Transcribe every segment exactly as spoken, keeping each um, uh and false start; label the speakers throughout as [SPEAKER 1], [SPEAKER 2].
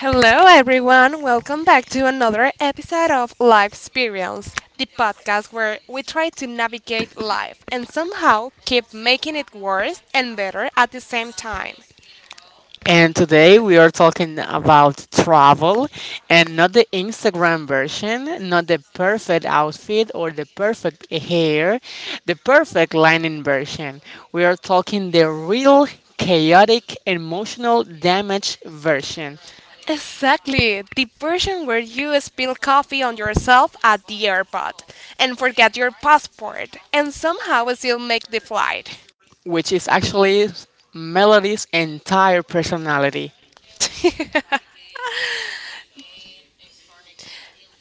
[SPEAKER 1] Hello, everyone. Welcome back to another episode of Life Experience, the podcast where we try to navigate life and somehow keep making it worse and better at the same time.
[SPEAKER 2] And today we are talking about travel and not the Instagram version, not the perfect outfit or the perfect hair, the perfect lining version. We are talking the real chaotic emotional damage version,
[SPEAKER 1] Exactly, the version where you spill coffee on yourself at the airport and forget your passport and somehow still make the flight.
[SPEAKER 2] which is actually Melody's entire personality.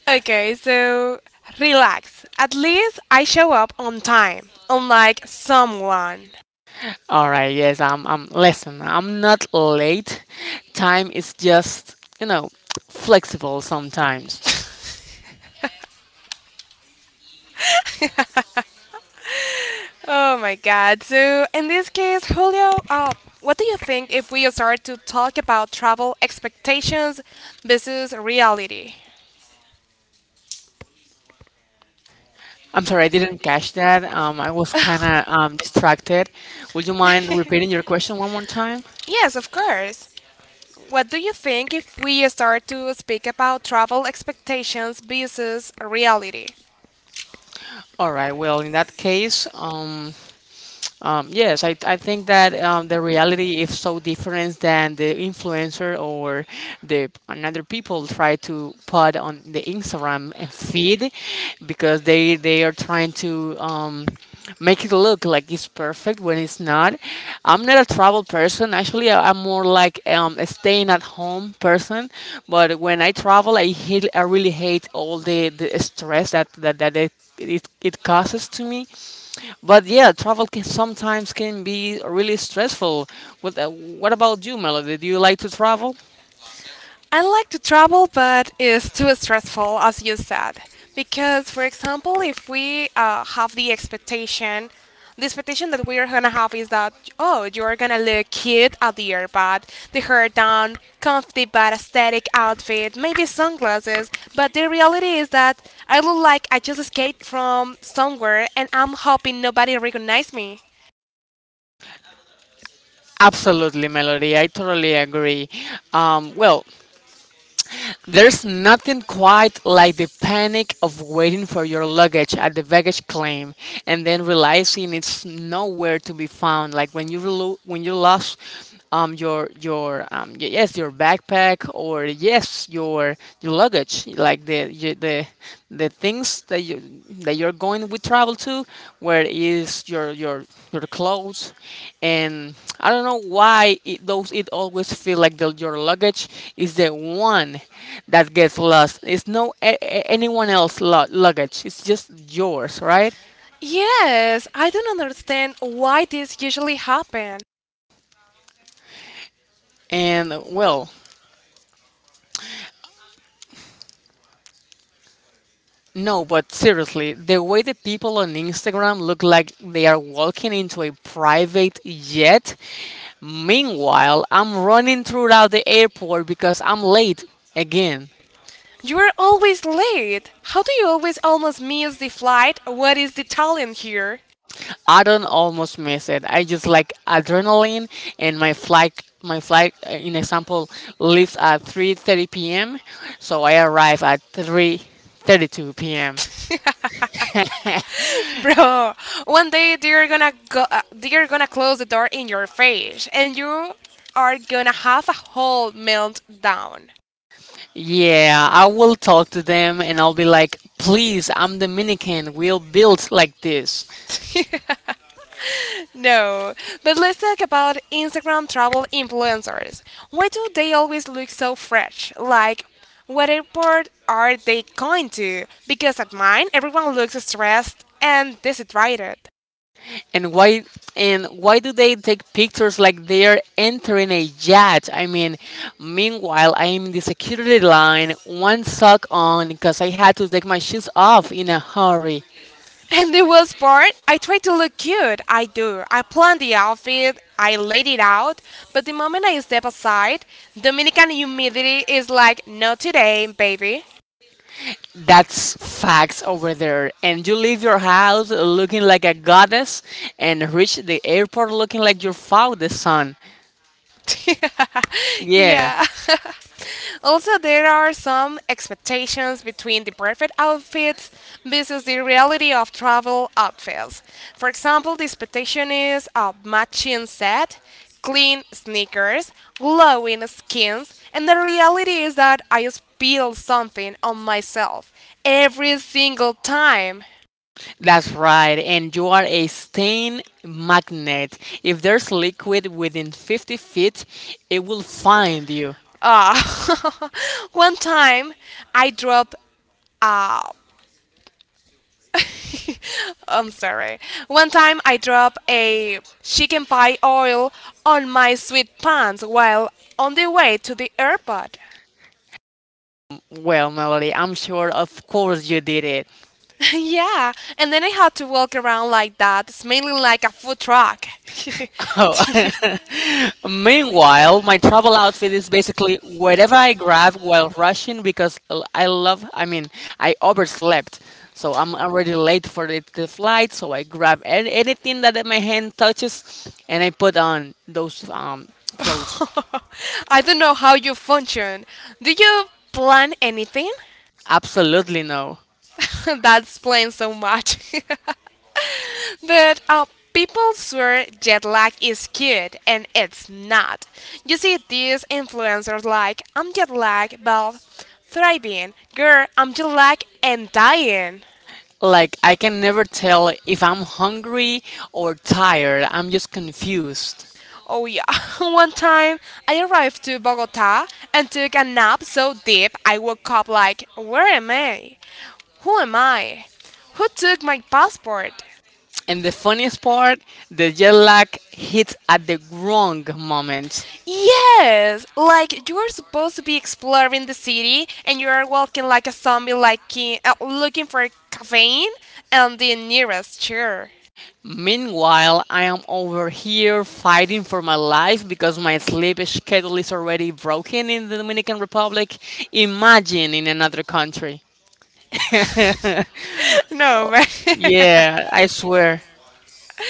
[SPEAKER 1] okay, so relax. At least I show up on time, unlike someone.
[SPEAKER 2] All right, yes, I'm, I'm listen, I'm not late. Time is just, you know, flexible sometimes.
[SPEAKER 1] Oh my God. So, in this case, Julio, uh, what do you think if we start to talk about travel expectations versus reality?
[SPEAKER 2] I'm sorry, I didn't catch that. Um, I was kind of um, distracted. Would you mind repeating your question one more time?
[SPEAKER 1] Yes, of course. What do you think if we start to speak about travel expectations versus reality?
[SPEAKER 2] All right. Well, in that case, um, Um, yes, I, I think that um, the reality is so different than the influencer or the another people try to put on the Instagram and feed because they they are trying to um, make it look like it's perfect when it's not. I'm not a travel person. Actually, I- I'm more like um, a staying at home person. But when I travel, I hate, I really hate all the, the stress that that, that it, it it causes to me. But yeah, travel can sometimes can be really stressful. What, uh, what about you, Melody? Do you like to travel?
[SPEAKER 1] I like to travel, but it's too stressful, as you said. Because, for example, if we uh, have the expectation, the expectation that we are gonna have is that, oh, you are gonna look cute at the airpod, the hair down, comfy but aesthetic outfit, maybe sunglasses. But the reality is that I look like I just escaped from somewhere, and I'm hoping nobody recognizes me.
[SPEAKER 2] Absolutely, Melody. I totally agree. Um, well, there's nothing quite like the panic of waiting for your luggage at the baggage claim and then realizing it's nowhere to be found. Like when you relo- when you lost um, your your um, y- yes your backpack or yes your your luggage, like the y- the the things that you that you're going with travel to where is your your your clothes and I don't know why it, those it always feel like the, your luggage is the one that gets lost. It's no a, a- anyone else lo- luggage. It's just yours, right?
[SPEAKER 1] Yes, I don't understand why this usually happens.
[SPEAKER 2] And well, no, but seriously, the way the people on Instagram look like they are walking into a private jet. Meanwhile, I'm running throughout the airport because I'm late again.
[SPEAKER 1] You are always late. How do you always almost miss the flight? What is the talent here?
[SPEAKER 2] I don't almost miss it. I just like adrenaline and my flight my flight uh, in example leaves at three thirty p m so I arrive at three thirty-two p m
[SPEAKER 1] Bro? One day they're gonna go. Uh, they're gonna close the door in your face, and you are gonna have a whole meltdown.
[SPEAKER 2] Yeah, I will talk to them and I'll be like, please, I'm Dominican. We'll build like this.
[SPEAKER 1] no, but let's talk about Instagram travel influencers. Why do they always look so fresh? Like, what airport are they going to? Because at mine, everyone looks stressed and dehydrated.
[SPEAKER 2] And why and why do they take pictures like they're entering a yacht? I mean, meanwhile, I am in the security line, one sock on because I had to take my shoes off in a hurry.
[SPEAKER 1] And the worst part, I try to look cute. I do. I plan the outfit, I laid it out, but the moment I step aside, Dominican humidity is like, not today, baby.
[SPEAKER 2] That's facts over there. And you leave your house looking like a goddess and reach the airport looking like your father's son. Yeah.
[SPEAKER 1] Yeah. Also, there are some expectations between the perfect outfits versus the reality of travel outfits. For example, the expectation is a matching set, clean sneakers, glowing skins, and the reality is that I spill something on myself every single time.
[SPEAKER 2] That's right, and you are a stain magnet. If there's liquid within fifty feet, it will find you.
[SPEAKER 1] Ah, one time I dropped. I'm sorry. One time I dropped a chicken pie oil on my sweatpants while on the way to the airport.
[SPEAKER 2] Well, Melody, I'm sure of course you did it.
[SPEAKER 1] Yeah, and then I had to walk around like that, smelling like a food truck.
[SPEAKER 2] Oh. Meanwhile, my travel outfit is basically whatever I grab while rushing because l- I love, I mean, I overslept. So I'm already late for the, the flight, so I grab a- anything that my hand touches and I put on those um, clothes.
[SPEAKER 1] I don't know how you function. Do you plan anything?
[SPEAKER 2] Absolutely no.
[SPEAKER 1] That explains so much. But uh, people swear jet lag is cute, and it's not. You see these influencers like, I'm jet lag, but thriving. Girl, I'm jet lag and dying.
[SPEAKER 2] Like, I can never tell if I'm hungry or tired. I'm just confused.
[SPEAKER 1] Oh yeah, one time I arrived to Bogota and took a nap so deep I woke up like, where am I? Who am I? Who took my passport?
[SPEAKER 2] And the funniest part, the jet lag hits at the wrong moment.
[SPEAKER 1] Yes! Like, you're supposed to be exploring the city and you are walking like a zombie, like in- uh, looking for caffeine and the nearest chair.
[SPEAKER 2] Meanwhile, I am over here fighting for my life because my sleep schedule is already broken in the Dominican Republic. Imagine in another country.
[SPEAKER 1] No, but
[SPEAKER 2] Yeah, I swear.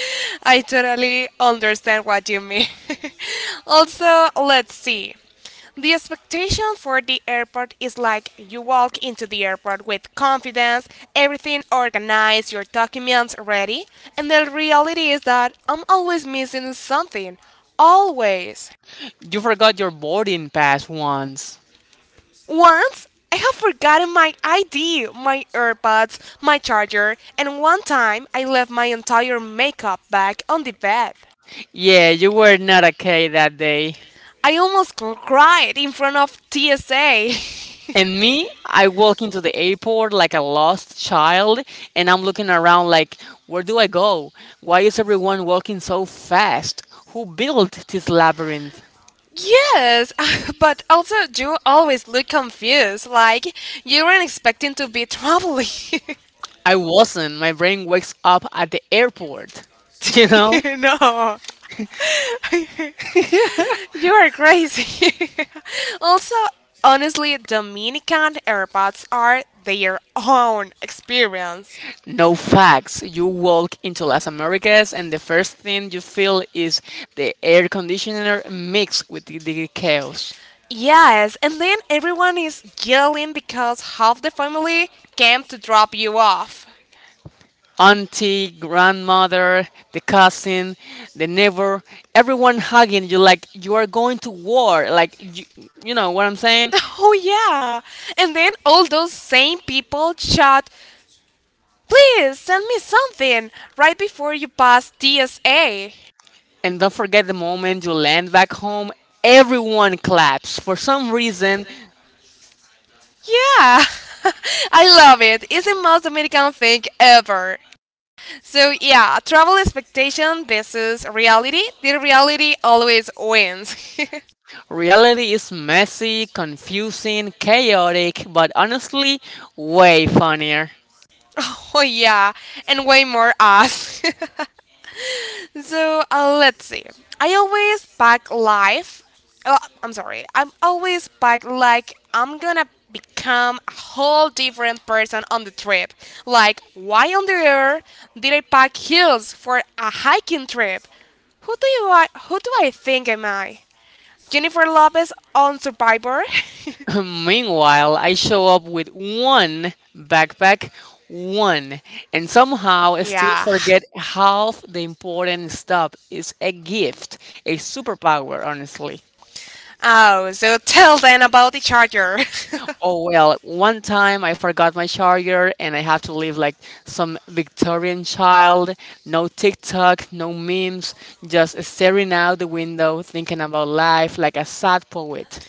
[SPEAKER 1] I totally understand what you mean. Also, let's see. The expectation for the airport is like you walk into the airport with confidence, everything organized, your documents ready, and the reality is that I'm always missing something. Always.
[SPEAKER 2] You forgot your boarding pass once.
[SPEAKER 1] Once I have forgotten my I D, my AirPods, my charger, and one time I left my entire makeup bag on the bed.
[SPEAKER 2] Yeah, you were not okay that day.
[SPEAKER 1] I almost cried in front of T S A.
[SPEAKER 2] And me, I walk into the airport like a lost child, and I'm looking around like, where do I go? Why is everyone walking so fast? Who built this labyrinth?
[SPEAKER 1] Yes, but also you always look confused, like you weren't expecting to be traveling.
[SPEAKER 2] I wasn't. My brain wakes up at the airport. You know?
[SPEAKER 1] No. You are crazy. Also, honestly, Dominican airports are their own experience.
[SPEAKER 2] No facts. You walk into Las Americas, and the first thing you feel is the air conditioner mixed with the the chaos.
[SPEAKER 1] Yes, and then everyone is yelling because half the family came to drop you off.
[SPEAKER 2] Auntie, grandmother, the cousin, the neighbor, everyone hugging you like you are going to war. Like you, you know what I'm saying?
[SPEAKER 1] Oh, yeah. And then all those same people shout, please send me something right before you pass T S A.
[SPEAKER 2] And don't forget the moment you land back home, everyone claps. For some reason,
[SPEAKER 1] Yeah. I love it. It's the most American thing ever. So yeah, travel expectation versus reality. The reality always wins.
[SPEAKER 2] reality is messy, confusing, chaotic, but honestly, way funnier.
[SPEAKER 1] Oh yeah, and way more us. so uh, let's see. I always pack life. Oh, I'm sorry. I'm always pack like I'm gonna become a whole different person on the trip. Like why on the earth did I pack heels for a hiking trip? Who do you who do I think am I? Jennifer Lopez on Survivor?
[SPEAKER 2] Meanwhile, I show up with one backpack, one, and somehow I still
[SPEAKER 1] Yeah.
[SPEAKER 2] forget half the important stuff. It's a gift, a superpower, honestly.
[SPEAKER 1] Oh, so tell then about the charger.
[SPEAKER 2] Oh well, one time I forgot my charger and I have to live like some Victorian child. No TikTok, no memes, just staring out the window thinking about life like a sad poet.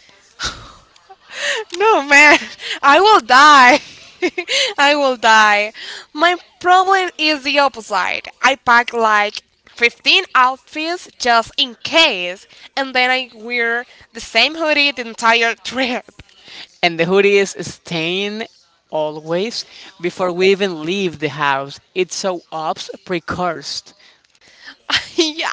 [SPEAKER 1] No, man, I will die. I will die. My problem is the opposite. I pack like fifteen outfits just in case, and then I wear the same hoodie the entire trip.
[SPEAKER 2] And the hoodie is stained always before we even leave the house. It's so ops precursed.
[SPEAKER 1] Yeah.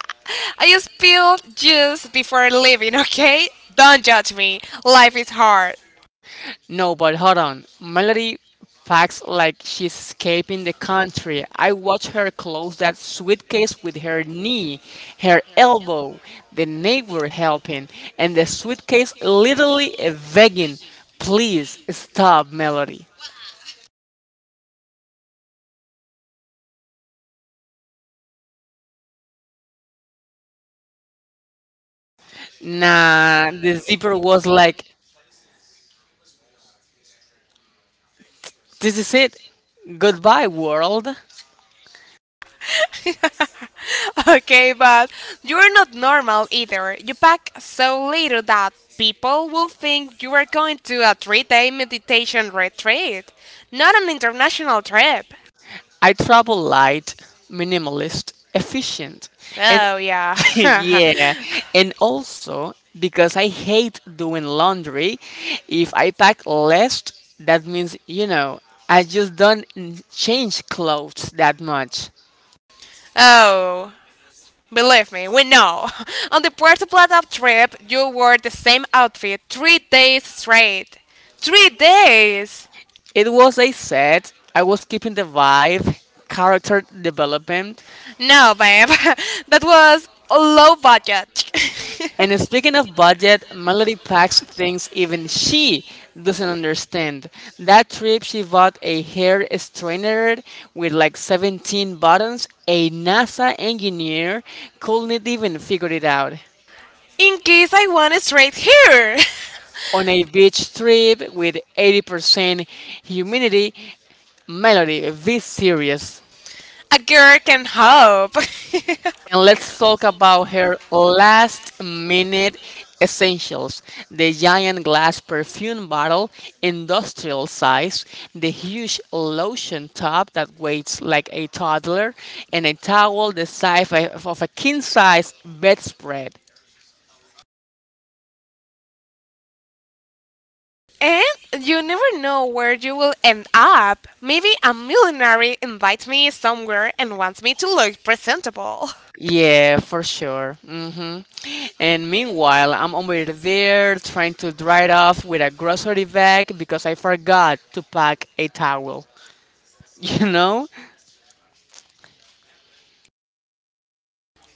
[SPEAKER 1] I spilled juice before leaving, okay? Don't judge me. Life is hard.
[SPEAKER 2] No, but hold on. Melody packs like she's escaping the country. I watch her close that suitcase with her knee, her elbow, the neighbor helping, and the suitcase literally begging, please stop, Melody. Nah, the zipper was like, this is it. Goodbye, world.
[SPEAKER 1] Okay, but you're not normal either. You pack so little that people will think you are going to a three day meditation retreat, not an international trip.
[SPEAKER 2] I travel light, minimalist, efficient, and
[SPEAKER 1] Oh, yeah.
[SPEAKER 2] yeah, and also because I hate doing laundry. If I pack less, that means you know I just don't n- change clothes that much.
[SPEAKER 1] Oh, believe me, we know. On the Puerto Plata trip, you wore the same outfit three days straight. Three days!
[SPEAKER 2] It was a set. I was keeping the vibe, character development.
[SPEAKER 1] No, babe, that was low budget.
[SPEAKER 2] And speaking of budget, Melody packs things even she doesn't understand. That trip, she bought a hair straightener with like seventeen buttons. A NASA engineer couldn't even figure it out.
[SPEAKER 1] In case I want it straight here.
[SPEAKER 2] On a beach trip with eighty percent humidity, Melody, be serious.
[SPEAKER 1] A girl can hope.
[SPEAKER 2] And let's talk about her last minute essentials: the giant glass perfume bottle, industrial size, the huge lotion tub that weighs like a toddler, and a towel the size of of a king size bedspread.
[SPEAKER 1] And you never know where you will end up. Maybe a millionaire invites me somewhere and wants me to look presentable.
[SPEAKER 2] Yeah, for sure. Hmm. And meanwhile, I'm over there trying to dry it off with a grocery bag because I forgot to pack a towel. You know?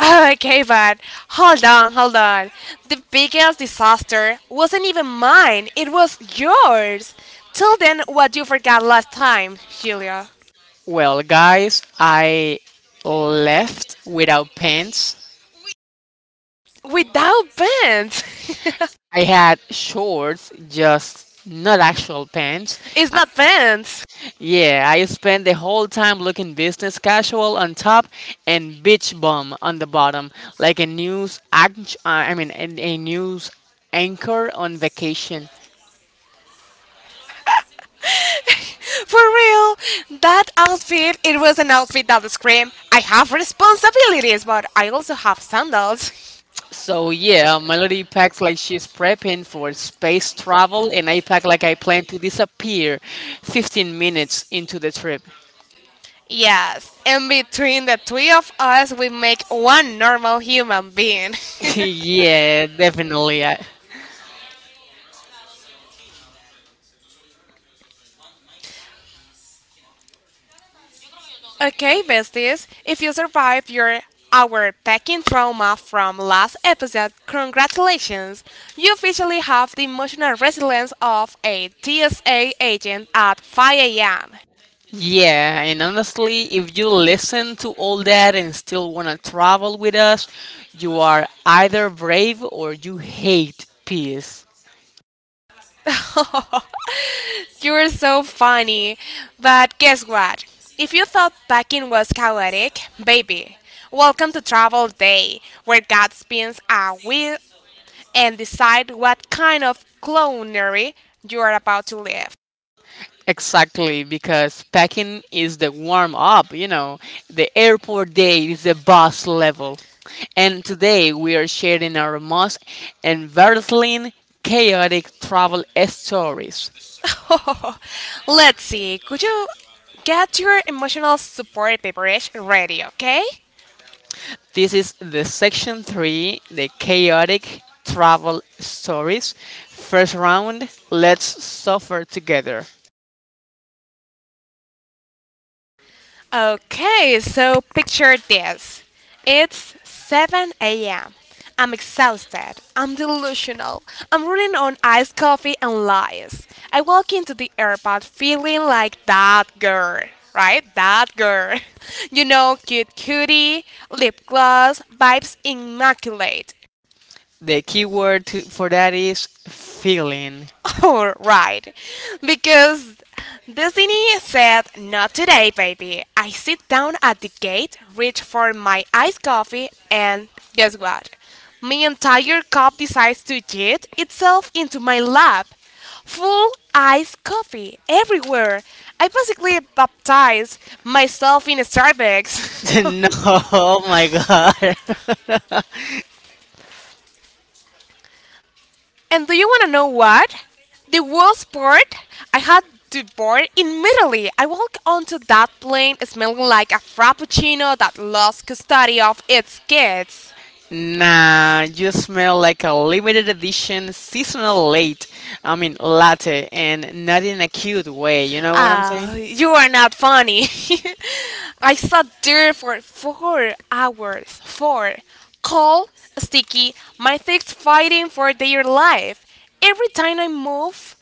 [SPEAKER 1] Okay, but hold on, hold on. The biggest disaster wasn't even mine, it was yours. Tell then what you forgot last time, Julia.
[SPEAKER 2] Well, guys, I left without pants.
[SPEAKER 1] Without pants.
[SPEAKER 2] I had shorts, just not actual pants.
[SPEAKER 1] It's
[SPEAKER 2] Uh,
[SPEAKER 1] not pants.
[SPEAKER 2] yeah, I spent the whole time looking business casual on top and beach bum on the bottom, like a news act- uh, I mean, a, a news anchor on vacation.
[SPEAKER 1] For real, that outfit, it was an outfit that screamed, I have responsibilities, but I also have sandals.
[SPEAKER 2] So yeah, Melody packs like she's prepping for space travel, and I pack like I plan to disappear fifteen minutes into the trip.
[SPEAKER 1] Yes, and between the three of us, we make one normal human being.
[SPEAKER 2] Yeah, definitely. I,
[SPEAKER 1] Okay, besties, if you survive your our packing trauma from last episode, congratulations! You officially have the emotional resilience of a T S A agent at five a m
[SPEAKER 2] yeah, and honestly, if you listen to all that and still want to travel with us, you are either brave or you hate peace.
[SPEAKER 1] You're so funny. But guess what? If you thought packing was chaotic, baby, welcome to Travel Day, where God spins a wheel and decide what kind of clownery you are about to live.
[SPEAKER 2] Exactly, because packing is the warm up, you know, the airport day is the boss level. And today we are sharing our most embarrassing, chaotic travel stories.
[SPEAKER 1] Let's see, could you get your emotional support beverage ready, okay?
[SPEAKER 2] This is the section three, the chaotic travel stories. First round, let's suffer together.
[SPEAKER 1] Okay, so picture this. It's seven a m. I'm exhausted. I'm delusional. I'm running on iced coffee and lies. I walk into the airport feeling like that girl, right? That girl. You know, cute cutie, lip gloss, vibes immaculate.
[SPEAKER 2] The key word to, for that is feeling.
[SPEAKER 1] All right, because Destiny said, not today, baby. I sit down at the gate, reach for my iced coffee, and guess what? My entire cup decides to jet itself into my lap. Full iced coffee everywhere. I basically baptized myself in
[SPEAKER 2] No,
[SPEAKER 1] Starbucks.
[SPEAKER 2] oh my god.
[SPEAKER 1] And do you want to know what? The worst part? I had to board immediately. I walked onto that plane smelling like a frappuccino that lost custody of its kids.
[SPEAKER 2] Nah, you smell like a limited edition seasonal late. I mean, latte, and not in a cute way. You know what I'm
[SPEAKER 1] Ah,
[SPEAKER 2] saying?
[SPEAKER 1] you are not funny. I sat there for four hours. Four. Cold, sticky, my figs fighting for their life. Every time I move,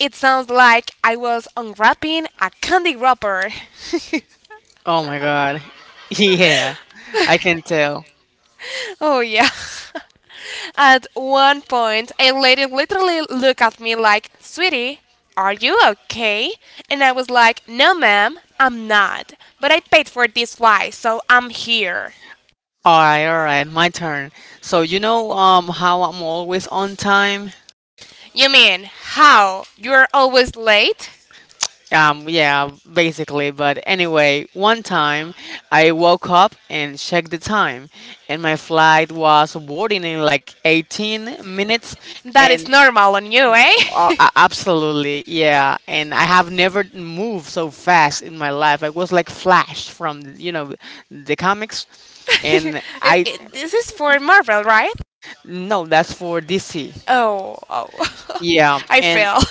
[SPEAKER 1] it sounds like I was unwrapping a candy wrapper.
[SPEAKER 2] Oh my god. Yeah, I can tell.
[SPEAKER 1] Oh, yeah. At one point, a lady literally looked at me like, sweetie, are you okay? And I was like, no, ma'am, I'm not. But I paid for this flight, so I'm here.
[SPEAKER 2] All right, all right, my turn. So you know um how I'm always on time?
[SPEAKER 1] You mean, how? You're always late?
[SPEAKER 2] Um yeah, basically, but anyway, one time I woke up and checked the time and my flight was boarding in like eighteen minutes
[SPEAKER 1] That
[SPEAKER 2] and
[SPEAKER 1] is normal on you,
[SPEAKER 2] uh,
[SPEAKER 1] eh?
[SPEAKER 2] a- absolutely, yeah, and I have never moved so fast in my life. I was like flash from, you know, the comics and
[SPEAKER 1] It-
[SPEAKER 2] I
[SPEAKER 1] it- this is for Marvel, right?
[SPEAKER 2] no, that's for D C.
[SPEAKER 1] Oh, oh.
[SPEAKER 2] Yeah,
[SPEAKER 1] I
[SPEAKER 2] and
[SPEAKER 1] fell.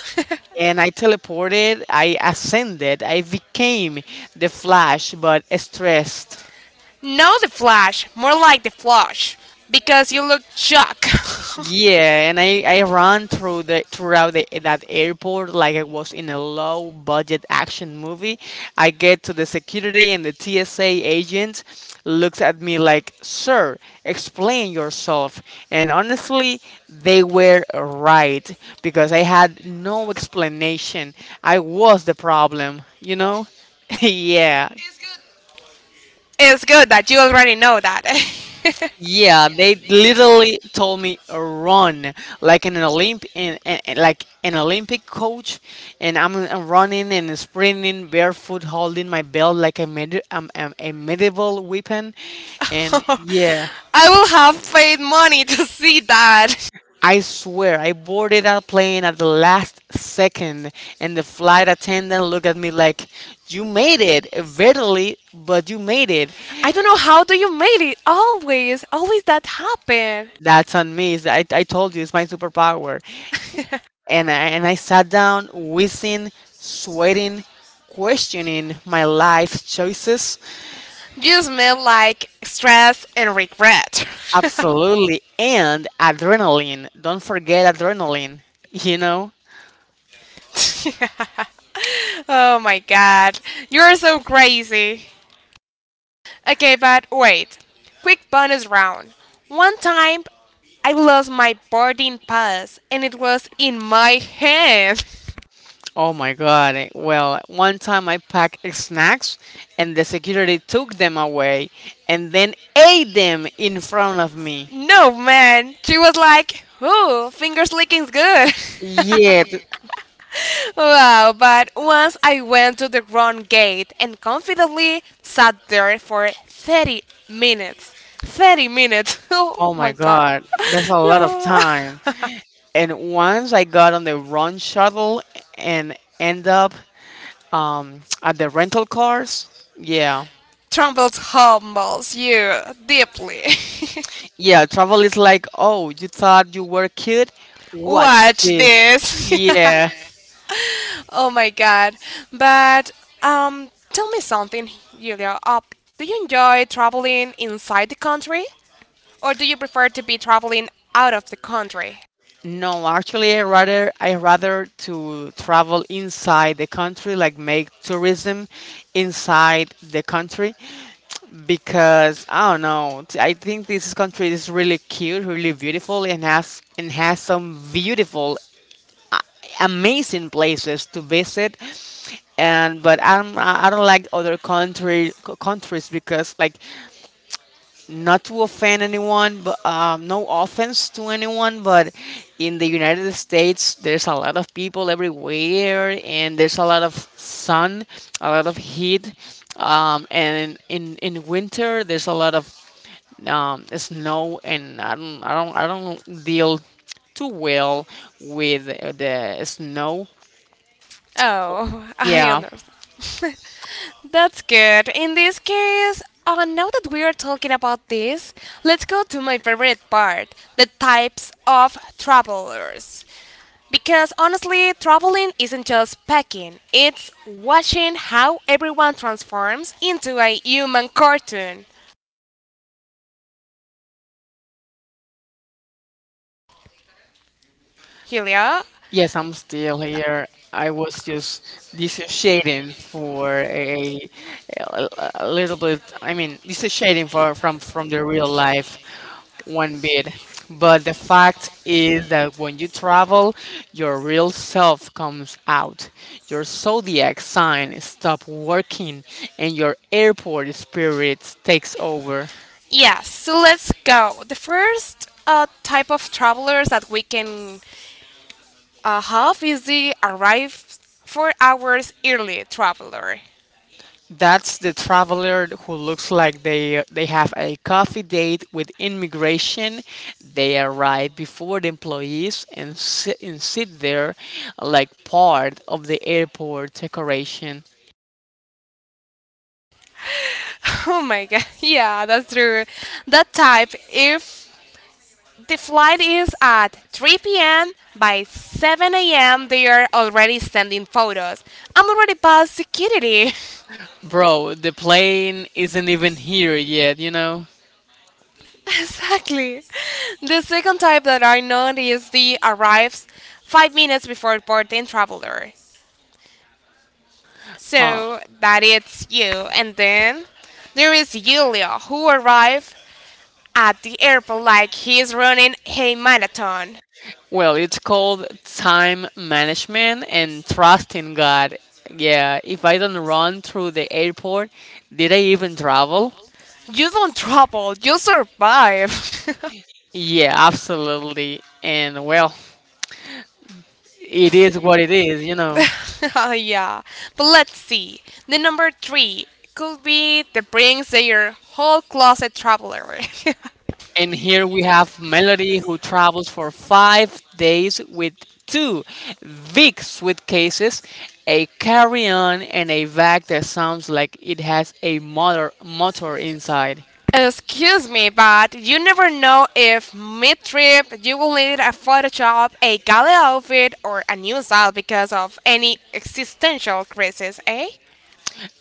[SPEAKER 2] and I teleported, I ascended, I became the Flash, but stressed.
[SPEAKER 1] No, the flash. More like the flush. Because you look shocked.
[SPEAKER 2] Yeah, and I, I ran through the throughout the, that airport like I was in a low budget action movie. I get to the security and the T S A agent looks at me like, "Sir, explain yourself." And honestly, they were right because I had no explanation. I was the problem, you know? Yeah.
[SPEAKER 1] It's good that you already know that.
[SPEAKER 2] Yeah, they literally told me run like an Olymp and, and, and like an Olympic coach, and I'm, I'm running and sprinting barefoot, holding my belt like a med- um, um, a medieval weapon, and yeah,
[SPEAKER 1] I will have paid money to see that.
[SPEAKER 2] I swear I boarded that plane at the last second, and the flight attendant looked at me like, "You made it, verily, but you made it."
[SPEAKER 1] I don't know how do you made it. Always, always that happen.
[SPEAKER 2] That's on me. So I I told you it's my superpower. And I, and I sat down wishing, sweating, questioning my life choices.
[SPEAKER 1] You smell like stress and regret.
[SPEAKER 2] Absolutely, and adrenaline. Don't forget adrenaline. You know.
[SPEAKER 1] Oh my god, you're so crazy. Okay, but wait. Quick bonus round. One time, I lost my boarding pass, and it was in my hand.
[SPEAKER 2] Oh my god. Eh, well, one time I packed snacks, and the security took them away, and then ate them in front of me.
[SPEAKER 1] No, man. She was like, ooh, fingers licking's good.
[SPEAKER 2] Yeah. Th-
[SPEAKER 1] Wow, but once I went to the wrong gate and confidently sat there for thirty minutes. thirty minutes. Oh
[SPEAKER 2] oh
[SPEAKER 1] my
[SPEAKER 2] my
[SPEAKER 1] god.
[SPEAKER 2] god, that's a lot of
[SPEAKER 1] Yeah.
[SPEAKER 2] time. And once I got on the wrong shuttle and end up um at the rental cars. Yeah,
[SPEAKER 1] Trumbles humbles you deeply.
[SPEAKER 2] yeah, travel is like, oh, you thought you were cute? Watch
[SPEAKER 1] Watch
[SPEAKER 2] this.
[SPEAKER 1] this.
[SPEAKER 2] Yeah.
[SPEAKER 1] Oh my god. But um tell me something, Julia. Uh, do you enjoy traveling inside the country? Or do you prefer to be traveling out of the country?
[SPEAKER 2] No actually i rather i rather to travel inside the country, like make tourism inside the country, because I don't know, t- I think this country is really cute, really beautiful, and has and has some beautiful, amazing places to visit. And But I'm, I I don't like other country co- countries because, like, not to offend anyone, but um, no offense to anyone, but in the United States there's a lot of people everywhere, and there's a lot of sun, a lot of heat. Um, and in, in winter there's a lot of um, snow, and I don't I don't I don't deal too well with uh, the snow.
[SPEAKER 1] Oh, I
[SPEAKER 2] Yeah.
[SPEAKER 1] understand. That's good. In this case, uh, now that we are talking about this, let's go to my favorite part the types of travelers. Because honestly, traveling isn't just packing, it's watching how everyone transforms into a human cartoon. Julia?
[SPEAKER 2] Yes, I'm still here. I was just dissociating for a, a, a little bit. I mean, dissociating for, from from the real life one bit. But the fact is that when you travel, your real self comes out. Your zodiac sign stop working, and your airport spirit takes over.
[SPEAKER 1] Yes, so let's go. The first uh, type of travelers that we can a half is the arrives four hours early, traveler.
[SPEAKER 2] That's the traveler who looks like they they have a coffee date with immigration. They arrive before the employees and sit, and sit there like part of the airport decoration.
[SPEAKER 1] Oh my god. Yeah, that's true. That type, if the flight is at three p m, by seven a m, they are already sending photos. I'm already past security.
[SPEAKER 2] Bro, the plane isn't even here yet, you know?
[SPEAKER 1] Exactly. The second type that I know is the arrives five minutes before boarding traveler.
[SPEAKER 2] Uh,
[SPEAKER 1] So that is you. And then there is Julia who arrived at the airport like he's running a marathon.
[SPEAKER 2] well, it's called time management and trust in God. Yeah, if I don't run through the airport, did I even travel?
[SPEAKER 1] You don't trouble, you survive.
[SPEAKER 2] Yeah, absolutely. And well, it is what it is, you know.
[SPEAKER 1] Oh, yeah, but let's see. The number three could be the brings their whole closet traveler.
[SPEAKER 2] And here we have Melody who travels for five days with two big suitcases, a carry on, and a bag that sounds like it has a motor, motor inside.
[SPEAKER 1] Excuse me, but you never know if mid trip you will need a Photoshop, a gala outfit, or a new style because of any existential crisis, eh?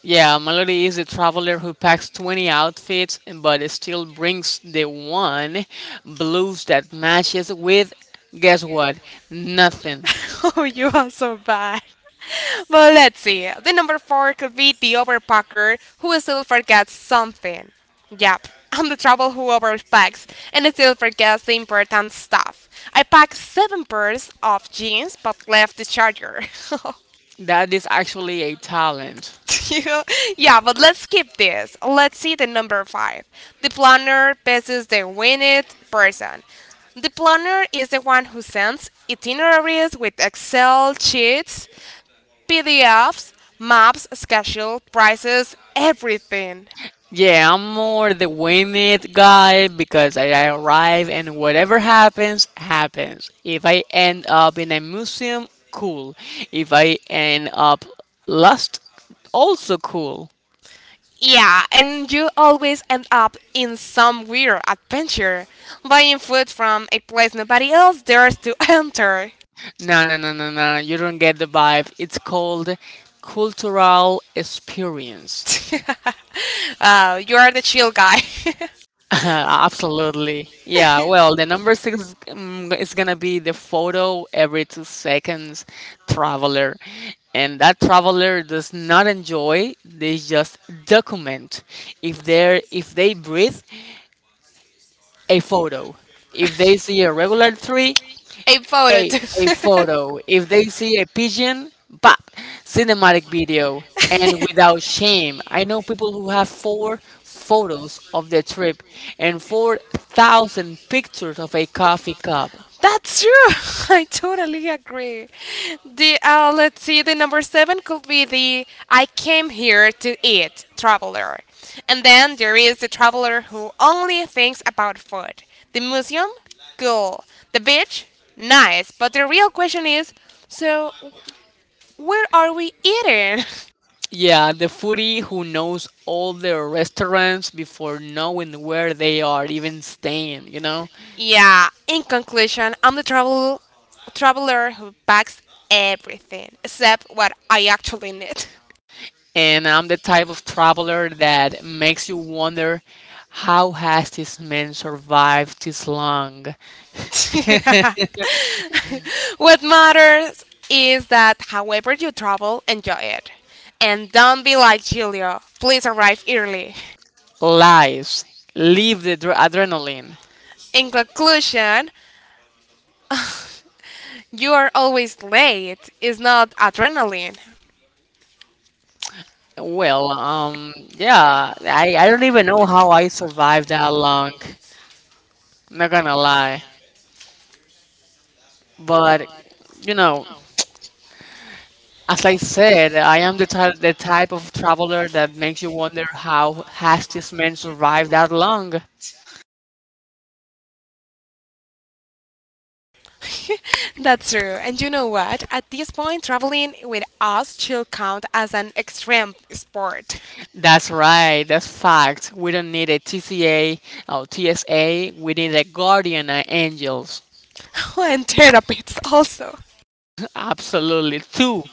[SPEAKER 2] Yeah, Melody is a traveler who packs twenty outfits but still brings the one blues that matches with, guess what? Nothing.
[SPEAKER 1] Oh, you are so bad. But let's see. The number four could be the overpacker who still forgets something. Yep, I'm the trouble who overpacks and still forgets the important stuff. I packed seven pairs of jeans but left the charger.
[SPEAKER 2] That is actually a talent.
[SPEAKER 1] Yeah, but let's skip this. Let's see the number five. The planner versus the winged person. The planner is the one who sends itineraries with Excel sheets, P D Fs, maps, schedule, prices, everything.
[SPEAKER 2] Yeah, I'm more the win it guy because I I arrive and whatever happens, happens. If I end up in a museum, cool. If I end up lost, also cool.
[SPEAKER 1] Yeah, and you always end up in some weird adventure, buying food from a place nobody else dares to enter.
[SPEAKER 2] No, no, no, no, no, you don't get the vibe. It's called cultural experience.
[SPEAKER 1] Uh, you are the chill guy.
[SPEAKER 2] Absolutely. Yeah, well, the number six um, is going to be the photo every two seconds traveler. And that traveler does not enjoy, they just document. If they are if they breathe, a photo. If they see a regular tree,
[SPEAKER 1] A photo
[SPEAKER 2] a
[SPEAKER 1] too.
[SPEAKER 2] a photo. If they see a pigeon, pop, cinematic video, and without shame. I know people who have four photos of their trip and four thousand pictures of a coffee cup.
[SPEAKER 1] That's true. I totally agree. The uh, Let's see. The number seven could be the "I came here to eat" traveler, and then there is the traveler who only thinks about food. The museum, cool. The beach, nice. But the real question is, so where are we eating?
[SPEAKER 2] Yeah, the foodie who knows all their restaurants before knowing where they are even staying, you know?
[SPEAKER 1] Yeah, in conclusion, I'm the travel traveler who packs everything except what I actually need.
[SPEAKER 2] And I'm the type of traveler that makes you wonder, how has this man survived this long?
[SPEAKER 1] What matters is that however you travel, enjoy it. And don't be like Julio. Please arrive early.
[SPEAKER 2] Lives, leave the dr- adrenaline.
[SPEAKER 1] In conclusion, you are always late. It's not adrenaline.
[SPEAKER 2] Well, um, yeah, I, I don't even know how I survived that long. Not gonna lie, but you know, as I said, I am the type the type of traveler that makes you wonder how has this man survived that long.
[SPEAKER 1] That's true. And you know what? At this point, traveling with us should count as an extreme sport.
[SPEAKER 2] That's right. That's fact. We don't need a T C A or T S A. We need a guardian uh, angels.
[SPEAKER 1] And therapists also.
[SPEAKER 2] Absolutely, two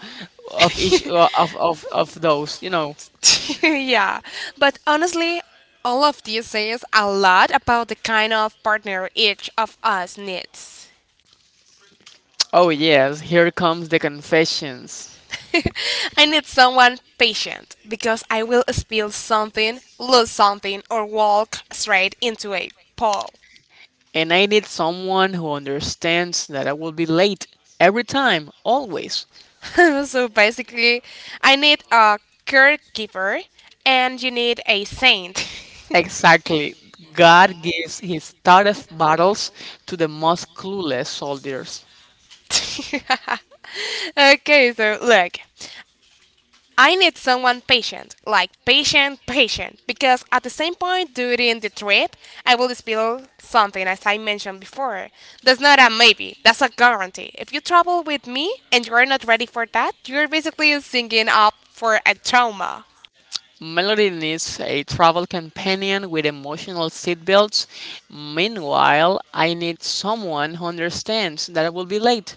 [SPEAKER 2] of each uh, of of of those. You know.
[SPEAKER 1] Yeah, but honestly, all of this says a lot about the kind of partner each of us needs.
[SPEAKER 2] Oh, yes, here comes the confessions.
[SPEAKER 1] I need someone patient because I will spill something, lose something, or walk straight into a pole.
[SPEAKER 2] And I need someone who understands that I will be late every time, always.
[SPEAKER 1] So basically, I need a caregiver, and you need a saint.
[SPEAKER 2] Exactly. God gives his toughest battles to the most clueless soldiers.
[SPEAKER 1] Okay, so look, I need someone patient, like patient, patient, because at the same point during the trip, I will spill something, as I mentioned before. That's not a maybe, that's a guarantee. If you travel with me and you're not ready for that, you're basically singing up for a trauma.
[SPEAKER 2] Melody needs a travel companion with emotional seatbelts. Meanwhile, I need someone who understands that I will be late.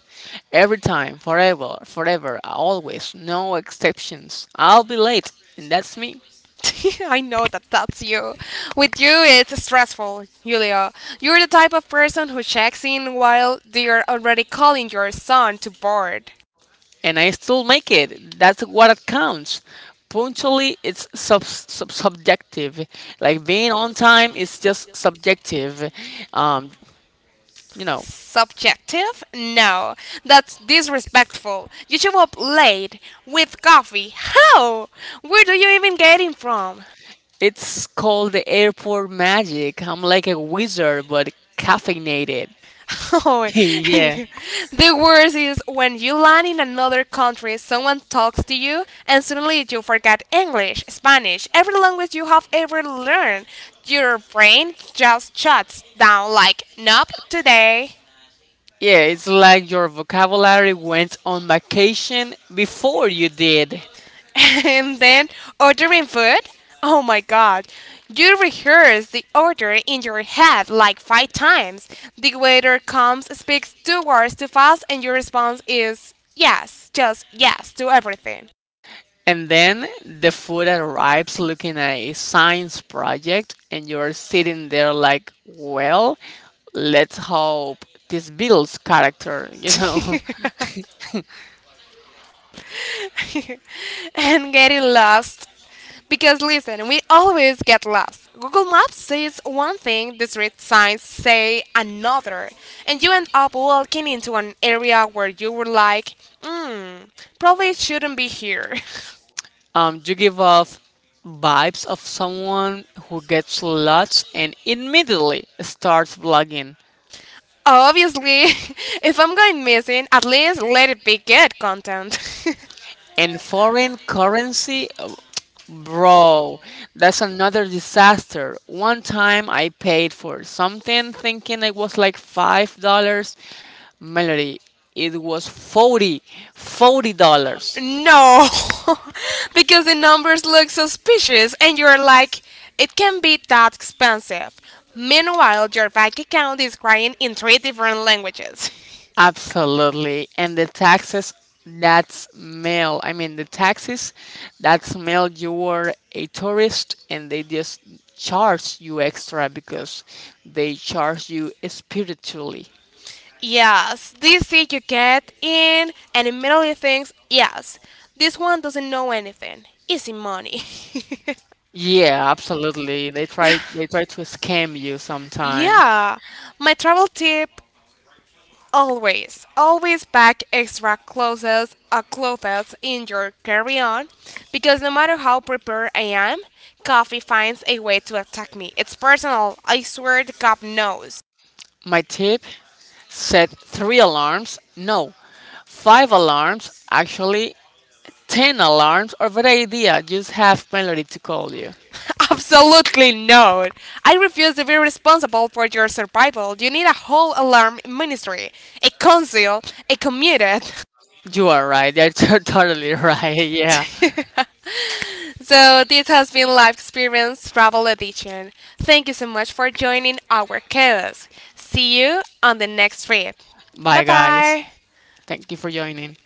[SPEAKER 2] Every time, forever, forever, always, no exceptions. I'll be late, and that's me.
[SPEAKER 1] I know that that's you. With you, it's stressful, Julia. You're the type of person who checks in while they're already calling your son to board.
[SPEAKER 2] And I still make it. That's what it counts. Punctually, it's sub, sub subjective. Like being on time is just subjective. Um, you know,
[SPEAKER 1] Subjective? No, that's disrespectful. You show up late with coffee. How? Where do you even get it from?
[SPEAKER 2] it's called the airport magic. I'm like a wizard, but caffeinated.
[SPEAKER 1] Oh,
[SPEAKER 2] Yeah.
[SPEAKER 1] the worst is when you land in another country, someone talks to you, and suddenly you forget English, Spanish, every language you have ever learned. Your brain just shuts down like, nope, today.
[SPEAKER 2] Yeah, it's like your vocabulary went on vacation before you did.
[SPEAKER 1] And then ordering food? Oh my god. You rehearse the order in your head like five times. The waiter comes, speaks two words too fast, and your response is yes, just yes to everything.
[SPEAKER 2] And then the food arrives looking at a science project, and you're sitting there like, well, let's hope this builds character, you know.
[SPEAKER 1] And getting lost. Because listen, we always get lost. Google Maps says one thing, the street signs say another, and you end up walking into an area where you were like, hmm, probably shouldn't be here.
[SPEAKER 2] Um, you give off vibes of someone who gets lots and immediately starts vlogging.
[SPEAKER 1] Obviously, if I'm going missing, at least let it be good content.
[SPEAKER 2] And foreign currency, oh, bro, that's another disaster. One time I paid for something thinking it was like five dollars. Melody, it was forty, forty dollars.
[SPEAKER 1] No, because the numbers look suspicious and you're like, it can be that expensive. Meanwhile, your bank account is crying in three different languages.
[SPEAKER 2] Absolutely. And the taxes, that's mail. I mean, the taxes, that's mail, you were a tourist, and they just charge you extra because they charge you spiritually.
[SPEAKER 1] Yes, this seat you get in and immediately thinks, yes, this one doesn't know anything. Easy money.
[SPEAKER 2] Yeah, absolutely. They try they try to scam you sometime.
[SPEAKER 1] Yeah, my travel tip: always, always pack extra clothes or clothes in your carry-on, because no matter how prepared I am, coffee finds a way to attack me. It's personal. I swear the cup knows.
[SPEAKER 2] My tip, set three alarms. No, five alarms, actually ten alarms, or better idea, just have Melody to call you.
[SPEAKER 1] Absolutely not. I refuse to be responsible for your survival. You need a whole alarm ministry, a council, a committee.
[SPEAKER 2] You are right. You're totally right. Yeah.
[SPEAKER 1] So this has been Life Experience Travel Edition. Thank you so much for joining our chaos. See you on the next trip. Bye
[SPEAKER 2] Bye, guys.
[SPEAKER 1] bye.
[SPEAKER 2] Thank you for joining.